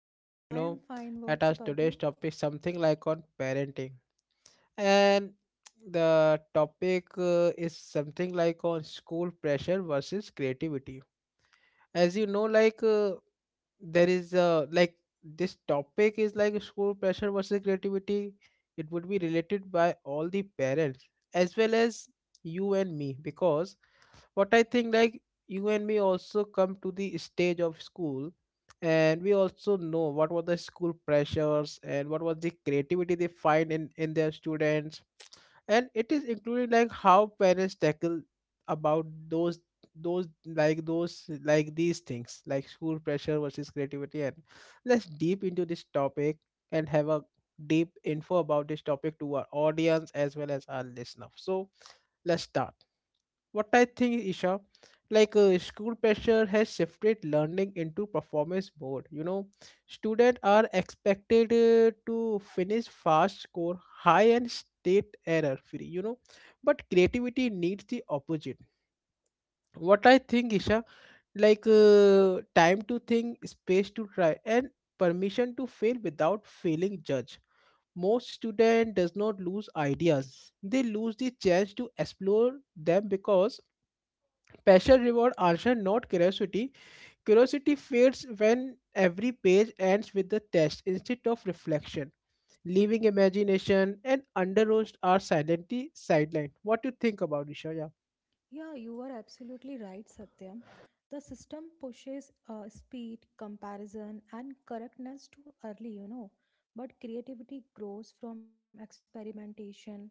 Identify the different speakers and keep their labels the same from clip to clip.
Speaker 1: Isha. You know, let us today's topic something like on parenting, and the topic is something like on school pressure versus creativity. As you know, like there is a like this topic is like school pressure versus creativity, it would be related by all the parents as well as you and me because what I think like you and me also come to the stage of school, and we also know what were the school pressures and what was the creativity they find in their students, and it is including like how parents tackle about those like these things like school pressure versus creativity, and let's deep into this topic and have a deep info about this topic to our audience as well as our listener. So let's start. What I think, Isha, like school pressure has shifted learning into performance mode. You know, students are expected to finish fast, score high, and state error free. You know, but creativity needs the opposite. What I think, Isha, like time to think, space to try, and permission to fail without feeling judged. Most student does not lose ideas; they lose the chance to explore them because passion reward answer, not curiosity. Curiosity fades when every page ends with the test instead of reflection, leaving imagination and underroast are silently sidelined. What do you think about Isha? Yeah.
Speaker 2: Yeah, you are absolutely right, Satyam. The system pushes speed, comparison, and correctness too early, you know. But creativity grows from experimentation,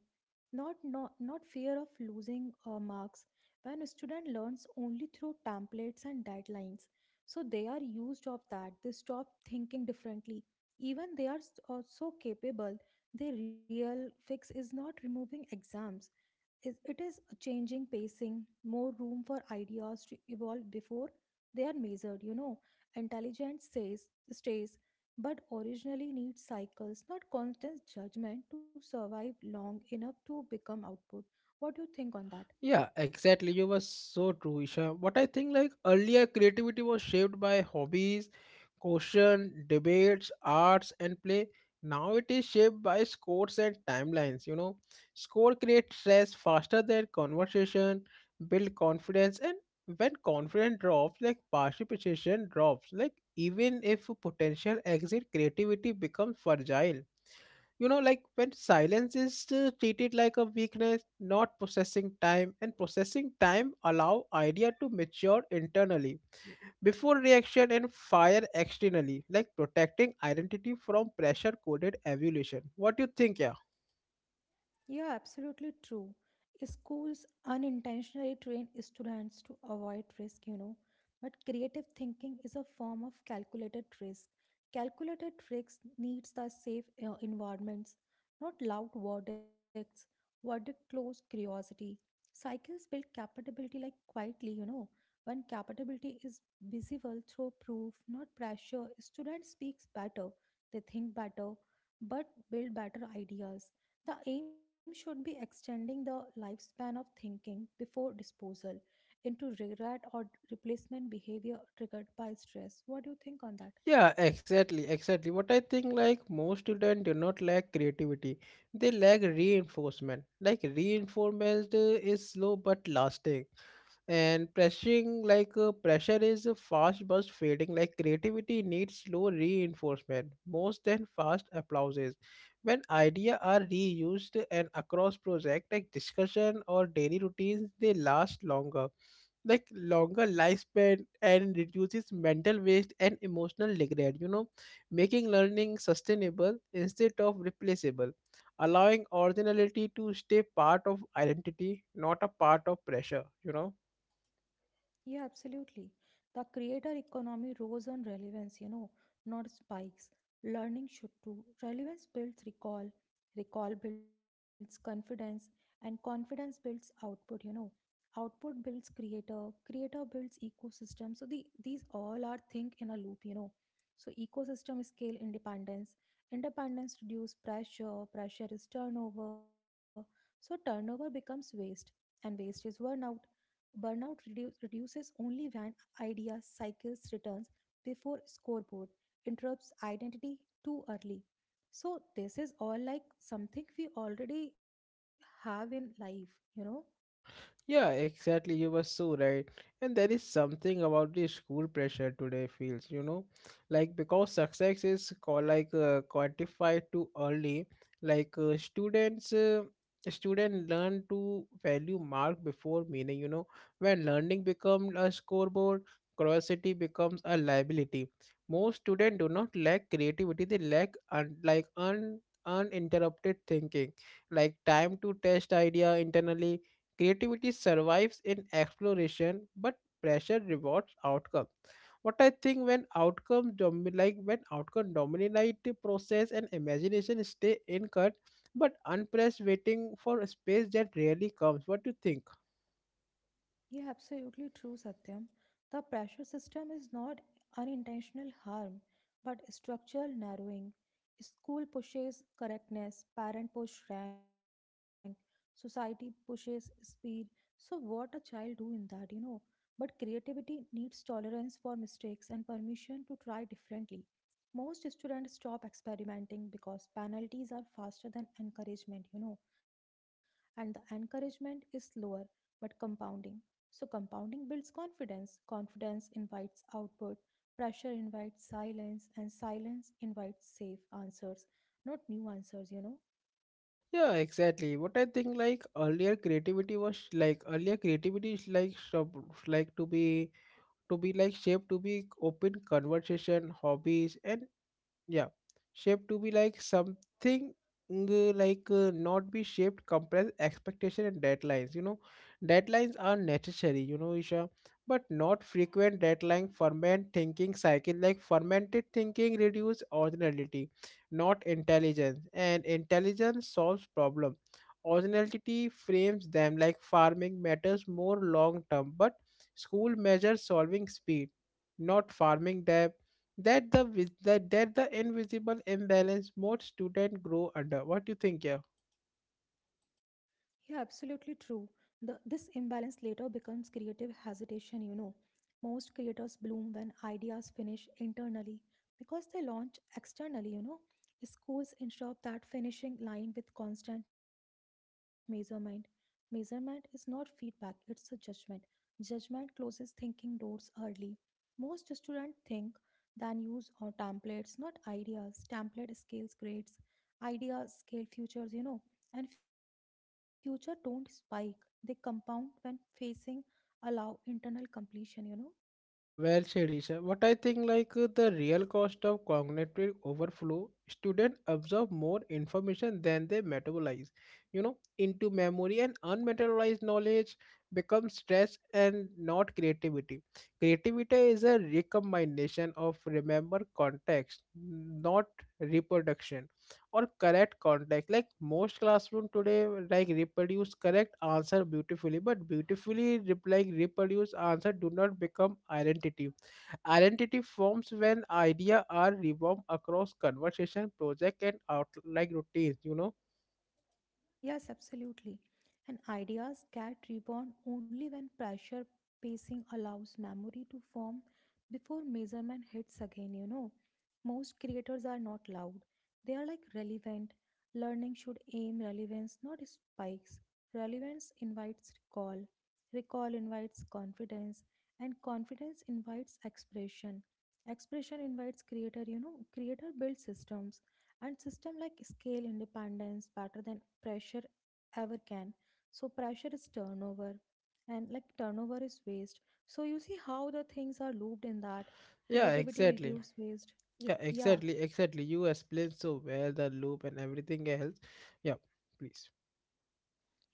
Speaker 2: not fear of losing marks. When a student learns only through templates and deadlines, so they are used of that. They stop thinking differently. Even they are so capable. Their real fix is not removing exams, is it is a changing pacing, more room for ideas to evolve before they are measured, you know. Intelligence says stays, but originally needs cycles, not constant judgment, to survive long enough to become output. What do you think on that?
Speaker 1: Yeah, exactly. You were so true, Isha. What I think, like earlier, creativity was shaped by hobbies, caution, debates, arts, and play. Now it is shaped by scores and timelines. You know, score creates stress faster than conversation, build confidence, and when confidence drops, like participation drops. Like even if potential exit, creativity becomes fragile. You know, like when silence is treated like a weakness, not processing time, and processing time allow idea to mature internally before reaction and fire externally, like protecting identity from pressure coded evolution. What do you think, yeah?
Speaker 2: Yeah, absolutely true. Schools unintentionally train students to avoid risk, you know. But creative thinking is a form of calculated risk. Calculated risks needs the safe environments, not loud verdicts. Verdict close curiosity. Cycles build capability like quietly, you know. When capability is visible through proof, not pressure, student speaks better, they think better, but build better ideas. The aim should be extending the lifespan of thinking before disposal into regret or replacement behavior triggered by stress. What do you think on that?
Speaker 1: Yeah, exactly, exactly. What I think like most students do not lack creativity. They lack reinforcement. Like reinforcement is slow but lasting, and pressuring like pressure is a fast burst fading. Like creativity needs slow reinforcement most than fast applauses. When ideas are reused and across project like discussion or daily routines, they last longer, like longer lifespan, and reduces mental waste and emotional regret, you know, making learning sustainable instead of replaceable, allowing originality to stay part of identity, not a part of pressure, you know.
Speaker 2: Yeah, absolutely. The creator economy rose on relevance, you know, not spikes. Learning should too. Relevance builds recall, recall builds confidence, and confidence builds output, you know. Output builds creator, creator builds ecosystem. So these all are think in a loop, you know. So ecosystem scale independence, independence reduce pressure, pressure is turnover. So turnover becomes waste, and waste is burnout. Burnout reduces only when idea cycles returns before scoreboard interrupts identity too early. So this is all like something we already have in life, you know.
Speaker 1: Yeah, exactly. You were so right. And there is something about the school pressure today feels, you know, like because success is call, like quantified too early, like student learn to value mark before meaning, you know. When learning becomes a scoreboard, curiosity becomes a liability. Most students do not lack creativity, they lack uninterrupted thinking, like time to test idea internally. Creativity survives in exploration, but pressure rewards outcome. What I think when outcome dominate the process and imagination stay incut, but unpressed waiting for a space that rarely comes. What do you think?
Speaker 2: Yeah, absolutely true, Satyam. The pressure system is not unintentional harm, but structural narrowing. School pushes correctness, parent push rank, society pushes speed. So what a child do in that, you know? But creativity needs tolerance for mistakes and permission to try differently. Most students stop experimenting because penalties are faster than encouragement, you know, and the encouragement is slower but compounding. So compounding builds confidence, confidence invites output, pressure invites silence, and silence invites safe answers, not new answers, you know.
Speaker 1: Yeah, exactly. What I think like earlier creativity is like sub- like to be like shaped to be open conversation, hobbies, and yeah shaped to be like something not be shaped compress expectation and deadlines, you know. Deadlines are necessary, you know, Isha, but not frequent deadline ferment thinking cycle. Like fermented thinking reduce originality, not intelligence, and intelligence solves problem. Originality frames them, like farming matters more long term, but school measures solving speed, not farming depth. That the invisible imbalance most students grow under. What do you think, yeah?
Speaker 2: Yeah, absolutely true. This imbalance later becomes creative hesitation, you know. Most creators bloom when ideas finish internally because they launch externally, you know. Schools ensure that finishing line with constant measurement. Measurement is not feedback, it's a judgment. Judgment closes thinking doors early. Most students think, then use or templates, not ideas. Template scales grades, ideas scale futures, you know. And future don't spike, they compound when facing allow internal completion, you know.
Speaker 1: Well said, Isha. What I think like the real cost of cognitive overflow, students absorb more information than they metabolize, you know, into memory, and unmetabolized knowledge becomes stress and not creativity. Creativity is a recombination of remember context, not reproduction or correct context. Like most classroom today like reproduce correct answer beautifully, but beautifully rep- like reproduce answer do not become identity. Identity forms when idea are revolved across conversation project and out like routines, you know.
Speaker 2: Yes, absolutely. And ideas get reborn only when pressure pacing allows memory to form before measurement hits again, you know. Most creators are not loud, they are like relevant. Learning should aim relevance, not spikes. Relevance invites recall, recall invites confidence, and confidence invites expression. Expression invites creator, you know, creator builds systems, and system like scale independence better than pressure ever can. So pressure is turnover, and like turnover is waste. So you see how the things are looped in that.
Speaker 1: Yeah,
Speaker 2: Creativity
Speaker 1: exactly.
Speaker 2: reduce waste.
Speaker 1: Yeah,
Speaker 2: Yeah.
Speaker 1: exactly, exactly. You explained so well the loop and everything else. Yeah. Please.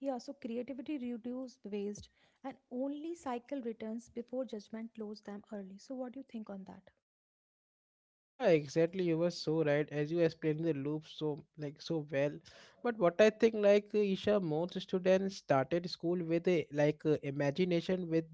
Speaker 2: Yeah, so creativity reduce waste, and only cycle returns before judgment close them early. So what do you think on that?
Speaker 1: Yeah, exactly. You were so right as you explained the loop so like so well. But what I think like Isha, most students started school with a like imagination with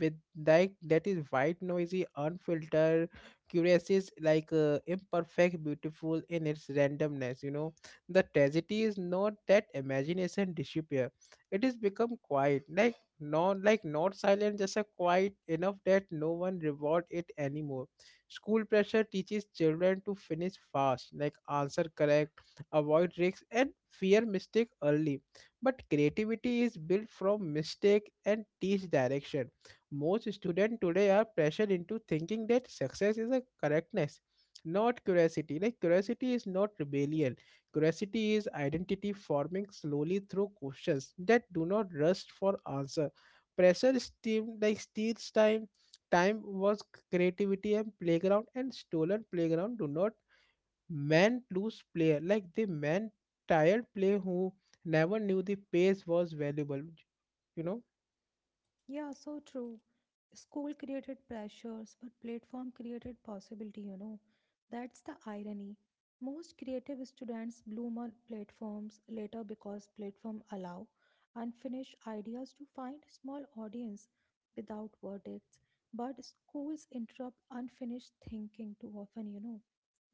Speaker 1: with like that is white noisy, unfiltered, curious is like imperfect, beautiful in its randomness. You know, the tragedy is not that imagination disappear. It is become quiet, like not silent, just a quiet enough that no one reward it anymore. School pressure teaches children to finish fast, like answer correct, avoid risks, and fear mistake early. But creativity is built from mistake and teach direction. Most students today are pressured into thinking that success is a correctness, not curiosity. Like curiosity is not rebellion. Curiosity is identity forming slowly through questions that do not rush for answer. Pressure steam like steals time. Time was creativity and playground, and stolen playground do not man lose player, like the man tired player who never knew the pace was valuable, you know.
Speaker 2: Yeah, so true. School created pressures, but platform created possibility, you know. That's the irony. Most creative students bloom on platforms later because platform allow unfinished ideas to find small audience without verdicts. But schools interrupt unfinished thinking too often, you know.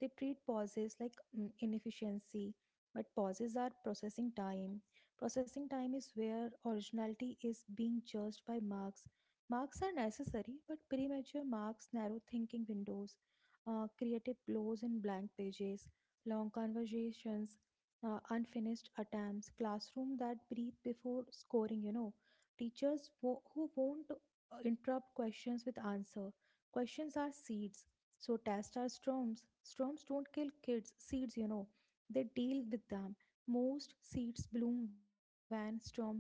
Speaker 2: They treat pauses like inefficiency, but pauses are processing time. Processing time is where originality is being judged by marks. Marks are necessary, but premature marks narrow thinking windows. Creative blows in blank pages, long conversations, unfinished attempts, classroom that breathe before scoring, you know, teachers who won't interrupt questions with answer. Questions are seeds. So tests are storms. Storms don't kill kids, seeds, you know. They deal with them. Most seeds bloom when storm pause, you know.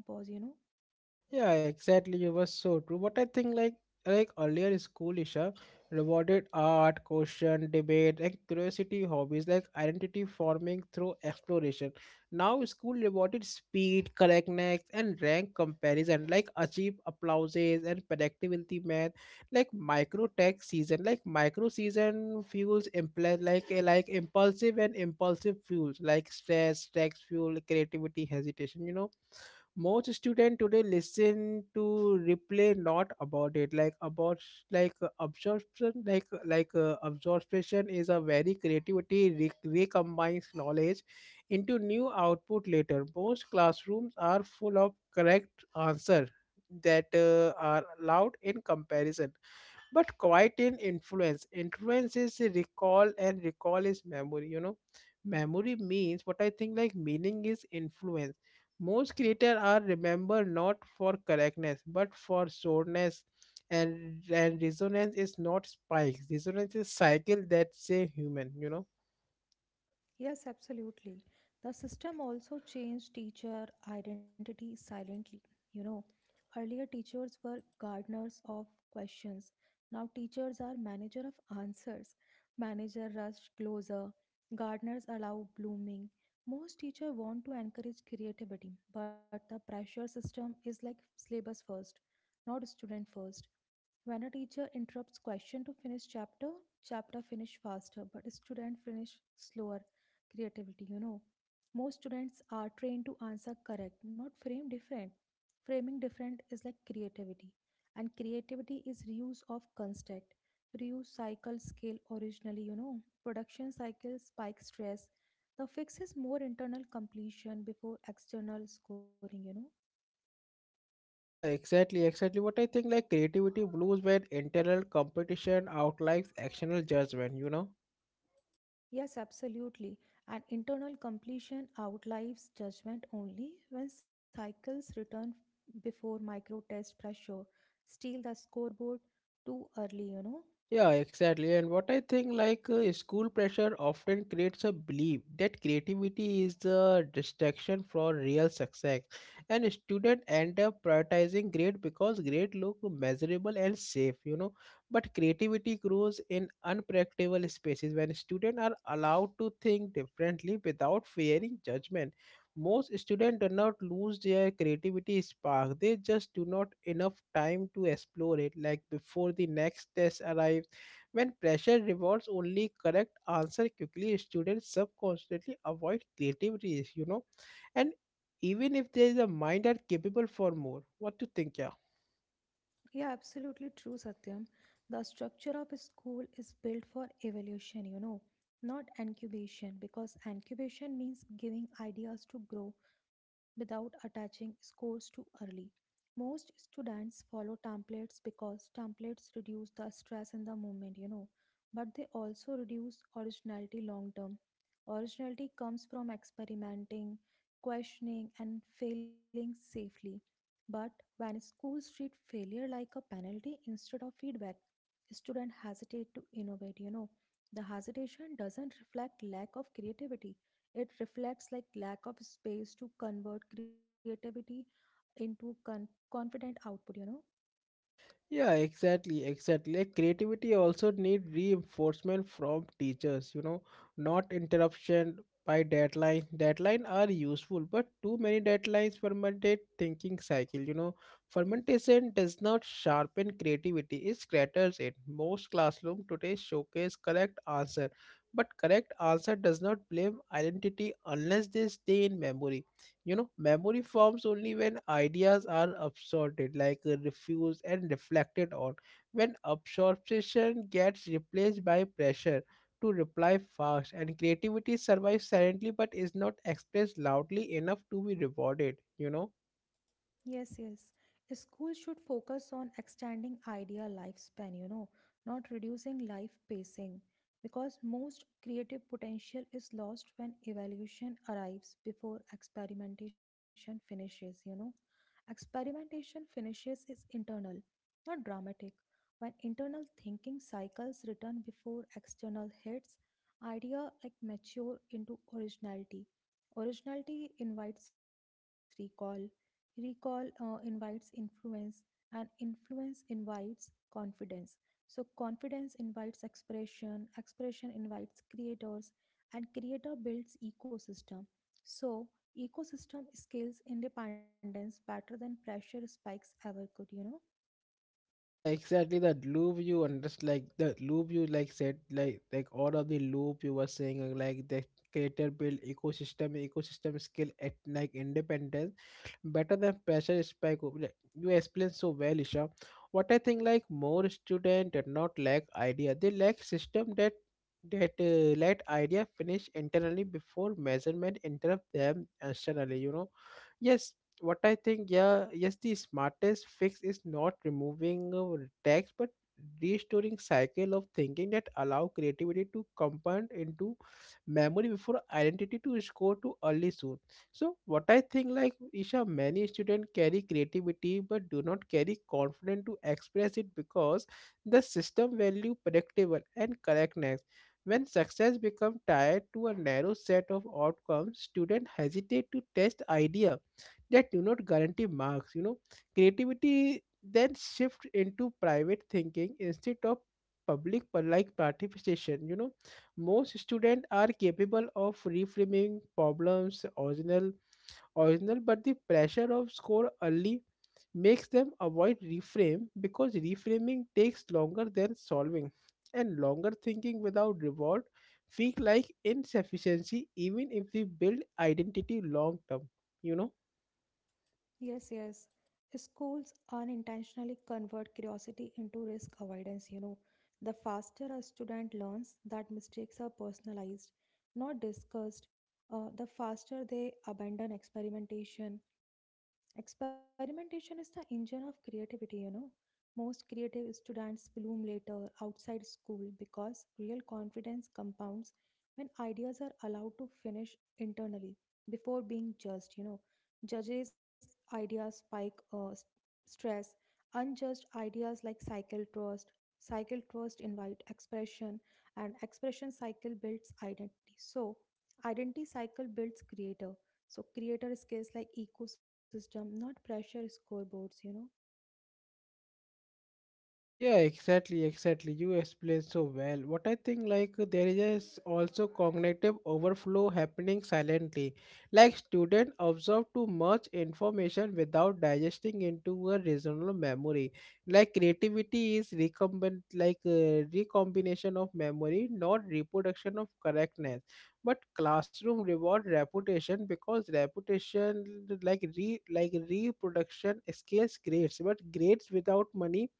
Speaker 1: Yeah, exactly. You were so true. But I think like earlier school Isha rewarded art, question, debate, like curiosity, hobbies, like identity forming through exploration. Now school rewarded speed, correctness, and rank comparison, like achieve applauses and productivity math, like micro tech season, like micro season fuels impl- like eh, like impulsive and impulsive fuels, like stress, tax fuel, creativity, hesitation, you know. Most student today listen to replay not about it like about like absorption like absorption is a very creativity recombines knowledge into new output later. Most classrooms are full of correct answer that are loud in comparison but quite in influence. Influence is a recall and recall is memory, you know. Memory means what I think like meaning is influence. Most creators are remembered not for correctness but for soreness, and resonance is not spikes. Resonance is cycle that's a human, you know.
Speaker 2: Yes, absolutely. The system also changed teacher identity silently, you know. Earlier teachers were gardeners of questions. Now teachers are manager of answers. Manager rush closer. Gardeners allow blooming. Most teacher want to encourage creativity, but the pressure system is like syllabus first, not student first. When a teacher interrupts question to finish chapter, chapter finish faster, but student finish slower creativity, you know. Most students are trained to answer correct, not frame different. Framing different is like creativity, and creativity is reuse of construct. Reuse cycle scale originally, you know. Production cycle spike stress. The fix is more internal completion before external scoring, you know.
Speaker 1: Yeah, exactly, exactly. What I think like creativity blues when internal competition outlives external judgment, you know.
Speaker 2: Yes, absolutely. And internal completion outlives judgment only when cycles return before micro test pressure. Steal the scoreboard too early, you know.
Speaker 1: Yeah, exactly. And what I think, like, school pressure often creates a belief that creativity is the distraction for real success, and students end up prioritizing grade because grade look measurable and safe, you know. But creativity grows in unpredictable spaces when students are allowed to think differently without fearing judgment. Most students do not lose their creativity spark; they just do not enough time to explore it, like before the next test arrives when pressure rewards only correct answer quickly, students subconsciously avoid creativity, you know. And even if there is a mind are capable for more. What do you think, yeah?
Speaker 2: Yeah, absolutely true, Satyam. The structure of a school is built for evolution, you know, not incubation, because incubation means giving ideas to grow without attaching scores too early. Most students follow templates because templates reduce the stress in the moment, you know, but they also reduce originality long term. Originality comes from experimenting, questioning, and failing safely. But when schools treat failure like a penalty instead of feedback, students hesitate to innovate, you know. The hesitation doesn't reflect lack of creativity. It reflects like lack of space to convert creativity into confident output, you know.
Speaker 1: Yeah, exactly, exactly. Like creativity also need reinforcement from teachers, you know, not interruption by deadline. Deadline are useful, but too many deadlines fermentate thinking cycle, you know. Fermentation does not sharpen creativity, it scatters it. Most classroom today showcase correct answer, but correct answer does not blame identity unless they stay in memory. You know, memory forms only when ideas are absorbed, like refused and reflected on. When absorption gets replaced by pressure to reply fast, and creativity survives silently but is not expressed loudly enough to be rewarded, you know.
Speaker 2: Yes, yes. Schools should focus on extending idea lifespan, you know, not reducing life pacing, because most creative potential is lost when evaluation arrives before experimentation finishes, you know. Experimentation finishes is internal, not dramatic. When internal thinking cycles return before external hits, idea like mature into originality. Originality invites recall, recall invites influence, and influence invites confidence. So confidence invites expression, expression invites creators, and creator builds ecosystem. So ecosystem scales independence better than pressure spikes ever could, you know.
Speaker 1: Yeah, exactly. That loop you understand. Like that loop you like said, like all of the loop you were saying like the creator build ecosystem, ecosystem skill at like independence better than pressure spike. You explained so well, Isha. What I think like more student did not lack idea. They lack system that let idea finish internally before measurement interrupt them externally. You know. Yes, what I think, yeah, yes, the smartest fix is not removing tax, but restoring cycle of thinking that allow creativity to compound into memory before identity to score to early soon. So what I think, like Isha, many students carry creativity but do not carry confidence to express it because the system value predictable and correctness. When success becomes tied to a narrow set of outcomes, students hesitate to test idea that do not guarantee marks, you know. Creativity then shift into private thinking instead of public like participation, you know. Most students are capable of reframing problems original original but the pressure of score early makes them avoid reframe because reframing takes longer than solving, and longer thinking without reward feel like insufficiency even if we build identity long term, you know.
Speaker 2: Yes, yes. Schools unintentionally convert curiosity into risk avoidance, you know. The faster a student learns that mistakes are personalized, not discussed, the faster they abandon experimentation. Experimentation is the engine of creativity, you know. Most creative students bloom later outside school because real confidence compounds when ideas are allowed to finish internally before being judged, you know. Judges' ideas spike stress. Unjudged ideas like cycle trust invite expression, and expression cycle builds identity. So identity cycle builds creator. So creator skills like ecosystem, not pressure scoreboards, you know.
Speaker 1: Yeah, exactly, exactly. You explained so well. What I think, like, there is a also cognitive overflow happening silently. Like, students absorb too much information without digesting into a reasonable memory. Like, creativity is recombination of memory, not reproduction of correctness. But classroom reward reputation because reputation, like reproduction, scales grades. But grades without money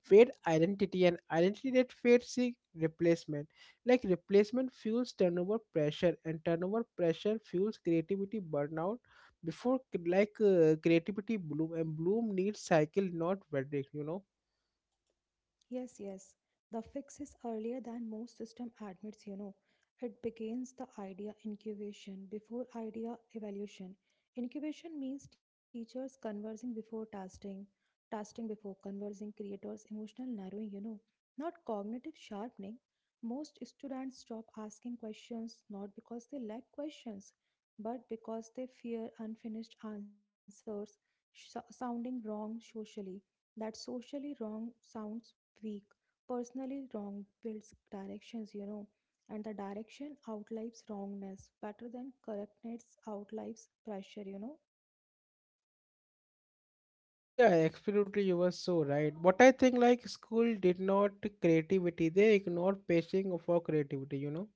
Speaker 1: fade identity, and identity that fades seek replacement. Like replacement fuels turnover pressure, and turnover pressure fuels creativity burnout. Before creativity bloom, and bloom needs cycle, not verdict.
Speaker 2: Yes, yes. The fix is earlier than most system admits, you know. It begins the idea incubation before idea evaluation. Incubation means teachers conversing before testing, testing before conversing, creators emotional narrowing, you know, not cognitive sharpening. Most students stop asking questions not because they lack questions, but because they fear unfinished answers, sounding wrong socially. That socially wrong sounds weak, personally wrong builds directions, you know, and the direction outlives wrongness better than correctness outlives pressure, you know.
Speaker 1: Yeah, absolutely. You were so right. What I think, like school did not creativity. They ignored pacing for creativity.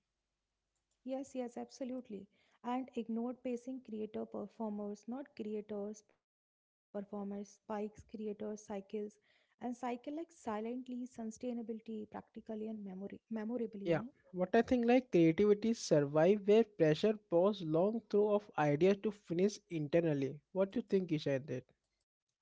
Speaker 2: Yes, yes, absolutely. And ignored pacing creator performers, not creators, performers, spikes, creators, cycles, and cycle like silently, sustainability, practically, and memory memorably, you know.
Speaker 1: Yeah. What I think, like creativity survive where pressure pause long through of ideas to finish internally. What do you think, Isha?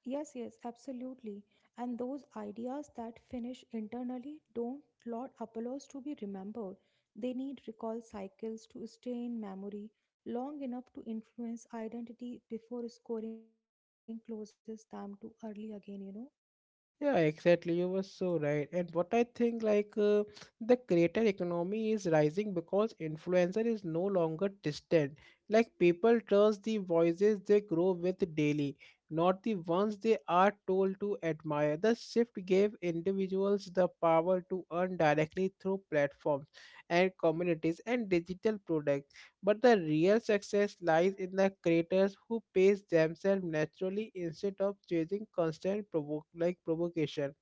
Speaker 2: Yes, yes, absolutely. And those ideas that finish internally don't Lord Apollos to be remembered. They need recall cycles to stay in memory long enough to influence identity before scoring closes them to early again, you know.
Speaker 1: Yeah, exactly. You were so right. And what I think, like, the creator economy is rising because influencer is no longer distant. Like, people trust the voices they grow with daily, not the ones they are told to admire. The shift gave individuals the power to earn directly through platforms and communities and digital products. But the real success lies in the creators who pace themselves naturally instead of chasing constant provoke like provocation.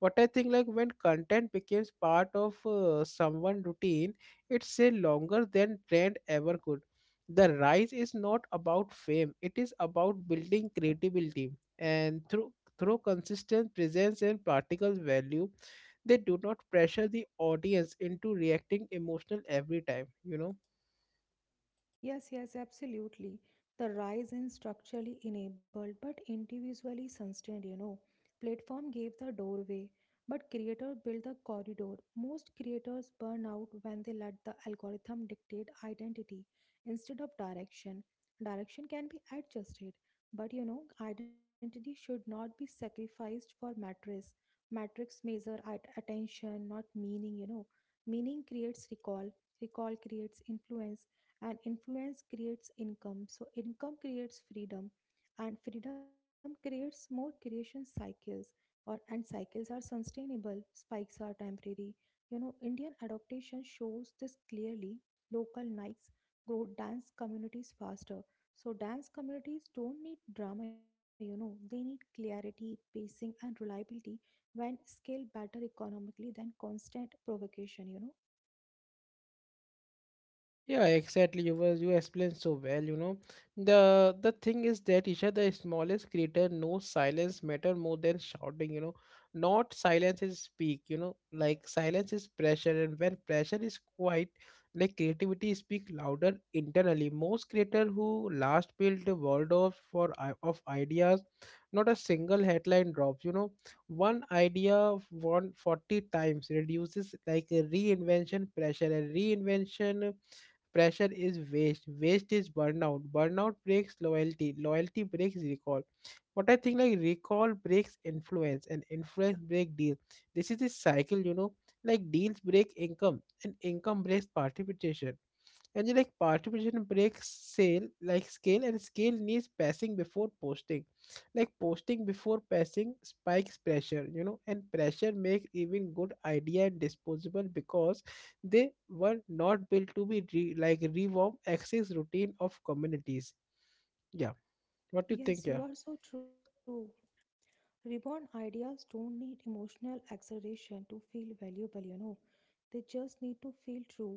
Speaker 1: What I think, like when content becomes part of someone routine, it's a longer than trend ever could. The rise is not about fame; it is about building credibility and through consistent presence and practical value. They do not pressure the audience into reacting emotional every time.
Speaker 2: Yes, yes, absolutely. The rise in structurally enabled but individually sustained, you know. Platform gave the doorway, but creator built the corridor. Most creators burn out when they let the algorithm dictate identity instead of direction. Direction can be adjusted, but you know, identity should not be sacrificed for metrics. Metrics measure attention, not meaning, you know. Meaning creates recall, recall creates influence, and influence creates income. So income creates freedom, and freedom creates more creation cycles, or and cycles are sustainable, spikes are temporary, you know. Indian adaptation shows this clearly. Local nikes grow dance communities faster. So dance communities don't need drama, you know, they need clarity, pacing, and reliability when scale better economically than constant provocation, you know.
Speaker 1: Yeah, exactly. You explained so well, you know. The thing is that, Isha, the smallest creator knows silence matter more than shouting. Not silence is speak, like silence is pressure, and when pressure is quiet, like creativity speak louder internally. Most creator who last built the world of ideas, not a single headline drops. One idea of 140 times reduces like a reinvention pressure and reinvention. Pressure is waste. Waste is burnout. Burnout breaks loyalty. Loyalty breaks recall. But I think, like recall breaks influence, and influence break deal. This is the cycle. Like deals break income, and income breaks participation, and you like participation breaks sale like scale, and scale needs passing before posting, like posting before passing spikes pressure. And pressure makes even good idea and disposable because they were not built to be rewarm access routine of communities. Yeah. What do you think?
Speaker 2: Yes,
Speaker 1: Yeah.
Speaker 2: you are so true. Reborn ideas don't need emotional exaggeration to feel valuable, you know. They just need to feel true.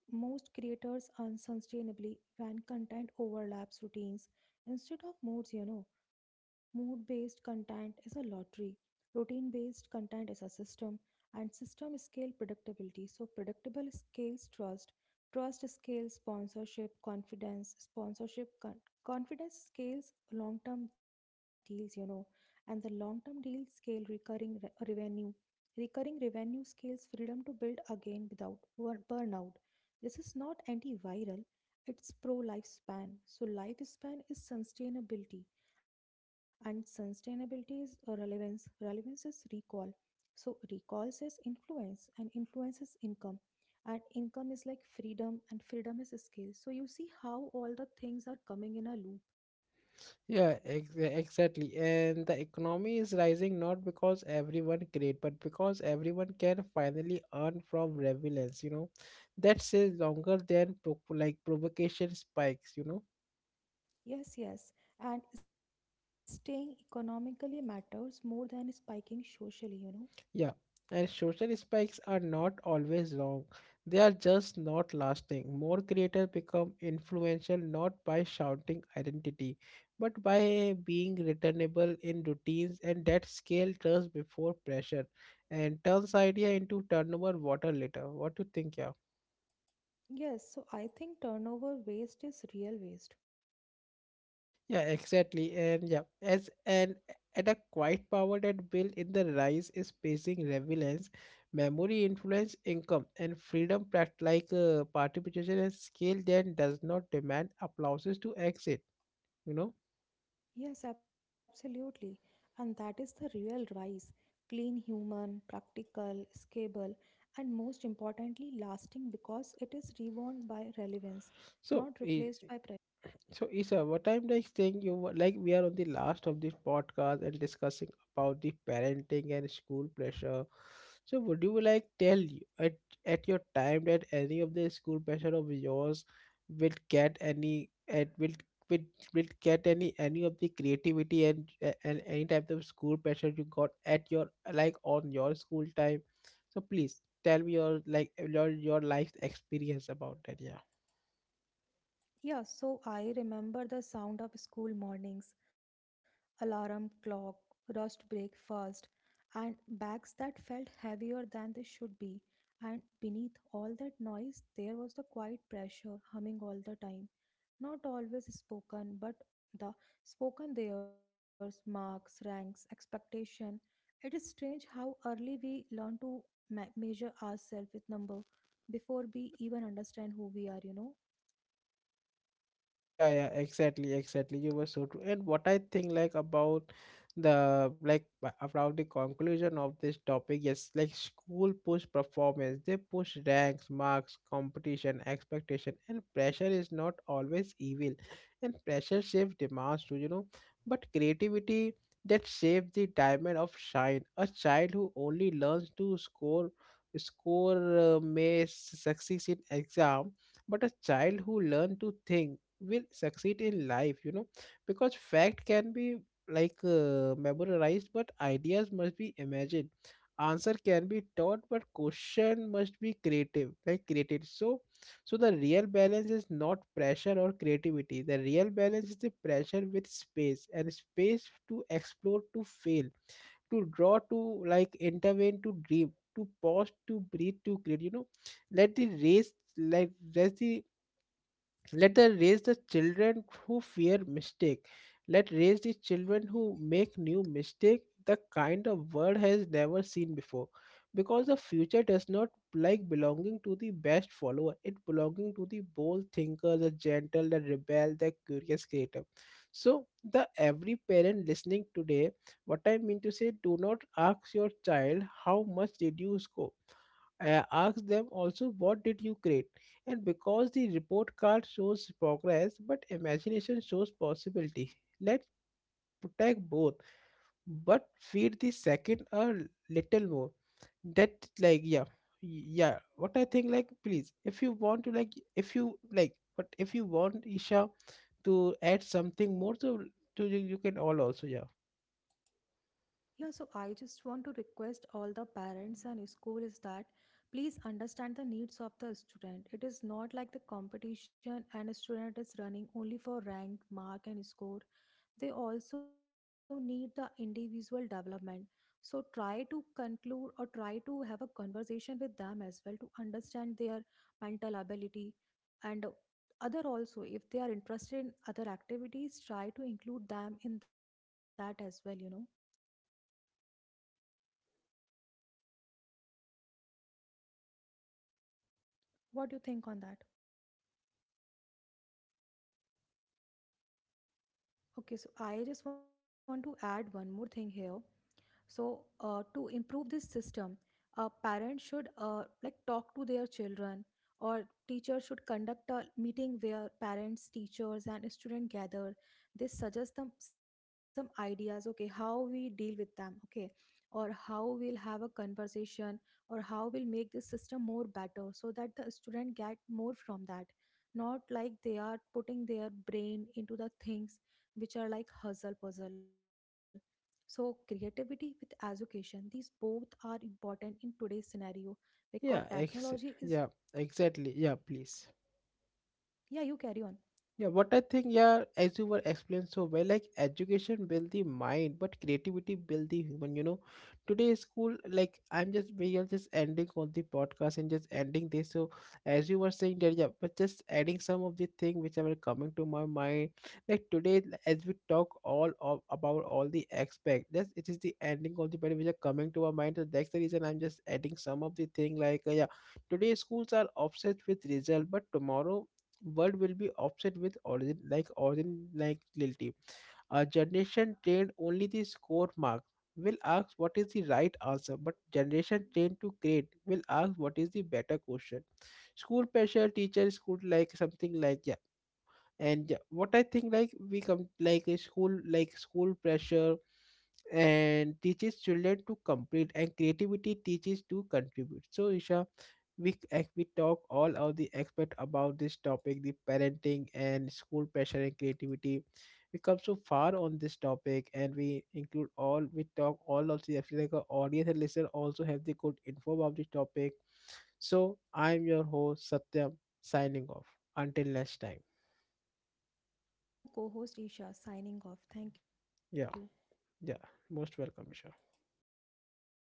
Speaker 2: Most creators unsustainably when content overlaps routines instead of moods, you know. Mood based content is a lottery, routine based content is a system, and system scale predictability. So predictable scales trust, trust scales sponsorship, confidence, sponsorship, confidence scales long term deals, you know, and the long term deals scale recurring revenue. Recurring revenue scales freedom to build again without burnout. This is not antiviral, it's pro lifespan. So lifespan is sustainability, and sustainability is relevance. Relevance is recall. So recalls is influence, and influence is income. And income is like freedom, and freedom is skill. So you see how all the things are coming in a loop.
Speaker 1: Yeah, exactly. And the economy is rising not because everyone create, but because everyone can finally earn from relevance. That is longer than provocation spikes.
Speaker 2: Yes, yes. And staying economically matters more than spiking socially, you know.
Speaker 1: Yeah, and social spikes are not always wrong. They are just not lasting. More creators become influential not by shouting identity, but by being returnable in routines, and that scale turns before pressure and turns idea into turnover water later. What do you think, yeah?
Speaker 2: Yes, so I think turnover waste is real waste.
Speaker 1: Yeah, exactly. And yeah, as an at a quite power that built in the rise is pacing relevance, memory influence, income, and freedom pract like participation and scale that does not demand applauses to exit. You know,
Speaker 2: Yes, absolutely. And that is the real rise. Clean, human, practical, scalable, and most importantly, lasting because it is reborn by relevance,
Speaker 1: so
Speaker 2: not
Speaker 1: eh,
Speaker 2: replaced by.
Speaker 1: So, Isa, what I'm like saying, you were- like we are on the last of this podcast and discussing about the parenting and school pressure. So, would you like tell you at your time that any of the school pressure of yours will get any, it will will get any of the creativity, and any type of school pressure you got at your like on your school time? So, please tell me your like your life experience about that. Yeah.
Speaker 2: Yeah, so I remember the sound of school mornings, alarm clock, rushed breakfast, and bags that felt heavier than they should be. And beneath all that noise, there was the quiet pressure humming all the time. Not always spoken, but the spoken theirs, marks, ranks, expectation. It is strange how early we learn to measure ourselves with number before we even understand who we are, you know.
Speaker 1: Yeah, yeah, exactly, exactly. You were so true. And what I think, like about about the conclusion of this topic, yes, like school push performance, they push ranks, marks, competition, expectation, and pressure is not always evil. And pressure shapes demands too, you know. But creativity that shapes the diamond of shine. A child who only learns to score may succeed in exam, but a child who learns to think will succeed in life. Because fact can be memorized, but ideas must be imagined. Answer can be taught, but question must be creative like created. So the real balance is not pressure or creativity. The real balance is the pressure with space, and space to explore, to fail, to draw, to intervene, to dream, to pause, to breathe, to create. let the race like let the let the raise the children who fear mistake. Let raise the children who make new mistake the kind of world has never seen before, because the future does not belonging to the best follower. It belonging to the bold thinker, the gentle, the rebel, the curious creator. So the every parent listening today, what I mean to say, do not ask your child, how much did you score? I ask them also, what did you create? And because the report card shows progress, but imagination shows possibility, let's protect both, but feed the second a little more. That like Yeah. Yeah, what I think, like please, if you want to if you want Isha to add something more to you, you can all also. Yeah.
Speaker 2: Yeah, so I just want to request all the parents and school is that please understand the needs of the student. It is not like the competition and a student is running only for rank, mark, and score. They also need the individual development. So try to conclude or try to have a conversation with them as well to understand their mental ability, and other also if they are interested in other activities, try to include them in that as well, you know. What do you think on that? Okay, so I just want to add one more thing here. So to improve this system, parents should like talk to their children, or teachers should conduct a meeting where parents, teachers, and students gather. They suggest them some ideas, okay, how we deal with them, okay, or how we'll have a conversation, or how we'll make the system more better so that the student get more from that, not like they are putting their brain into the things which are like hustle puzzle. So, creativity with education, these both are important in today's scenario because
Speaker 1: yeah
Speaker 2: technology
Speaker 1: ex-
Speaker 2: is.
Speaker 1: yeah exactly, yeah, please.
Speaker 2: Yeah, you carry on.
Speaker 1: Yeah, what I think, yeah, as you were explained so well, like education build the mind, but creativity build the human. You know, today school, like I'm just we are just ending on the podcast and just ending this. So, as you were saying that, yeah, but just adding some of the thing which are coming to my mind, like today as we talk about all the aspect, that's it is the ending of the part which are coming to our mind. So, that's the reason I'm just adding some of the thing yeah, today schools are obsessed with result, but tomorrow world will be upset with origin, like guilty. A generation trained only the score mark will ask, what is the right answer? But generation trained to grade will ask, what is the better question? School pressure, teacher school, like something, like yeah. And what I think, like we come like a school like school pressure and teaches children to complete, and creativity teaches to contribute. So, Isha, we we talk all of the expert about this topic, the parenting and school pressure and creativity. We come so far on this topic, and we talk all of the actually, like our audience and listener also have the good info about this topic. So, I'm your host, Satyam, signing off. Until next time.
Speaker 2: I'm your co host Isha, signing off. Thank you.
Speaker 1: Yeah. Yeah, most welcome, Ishan.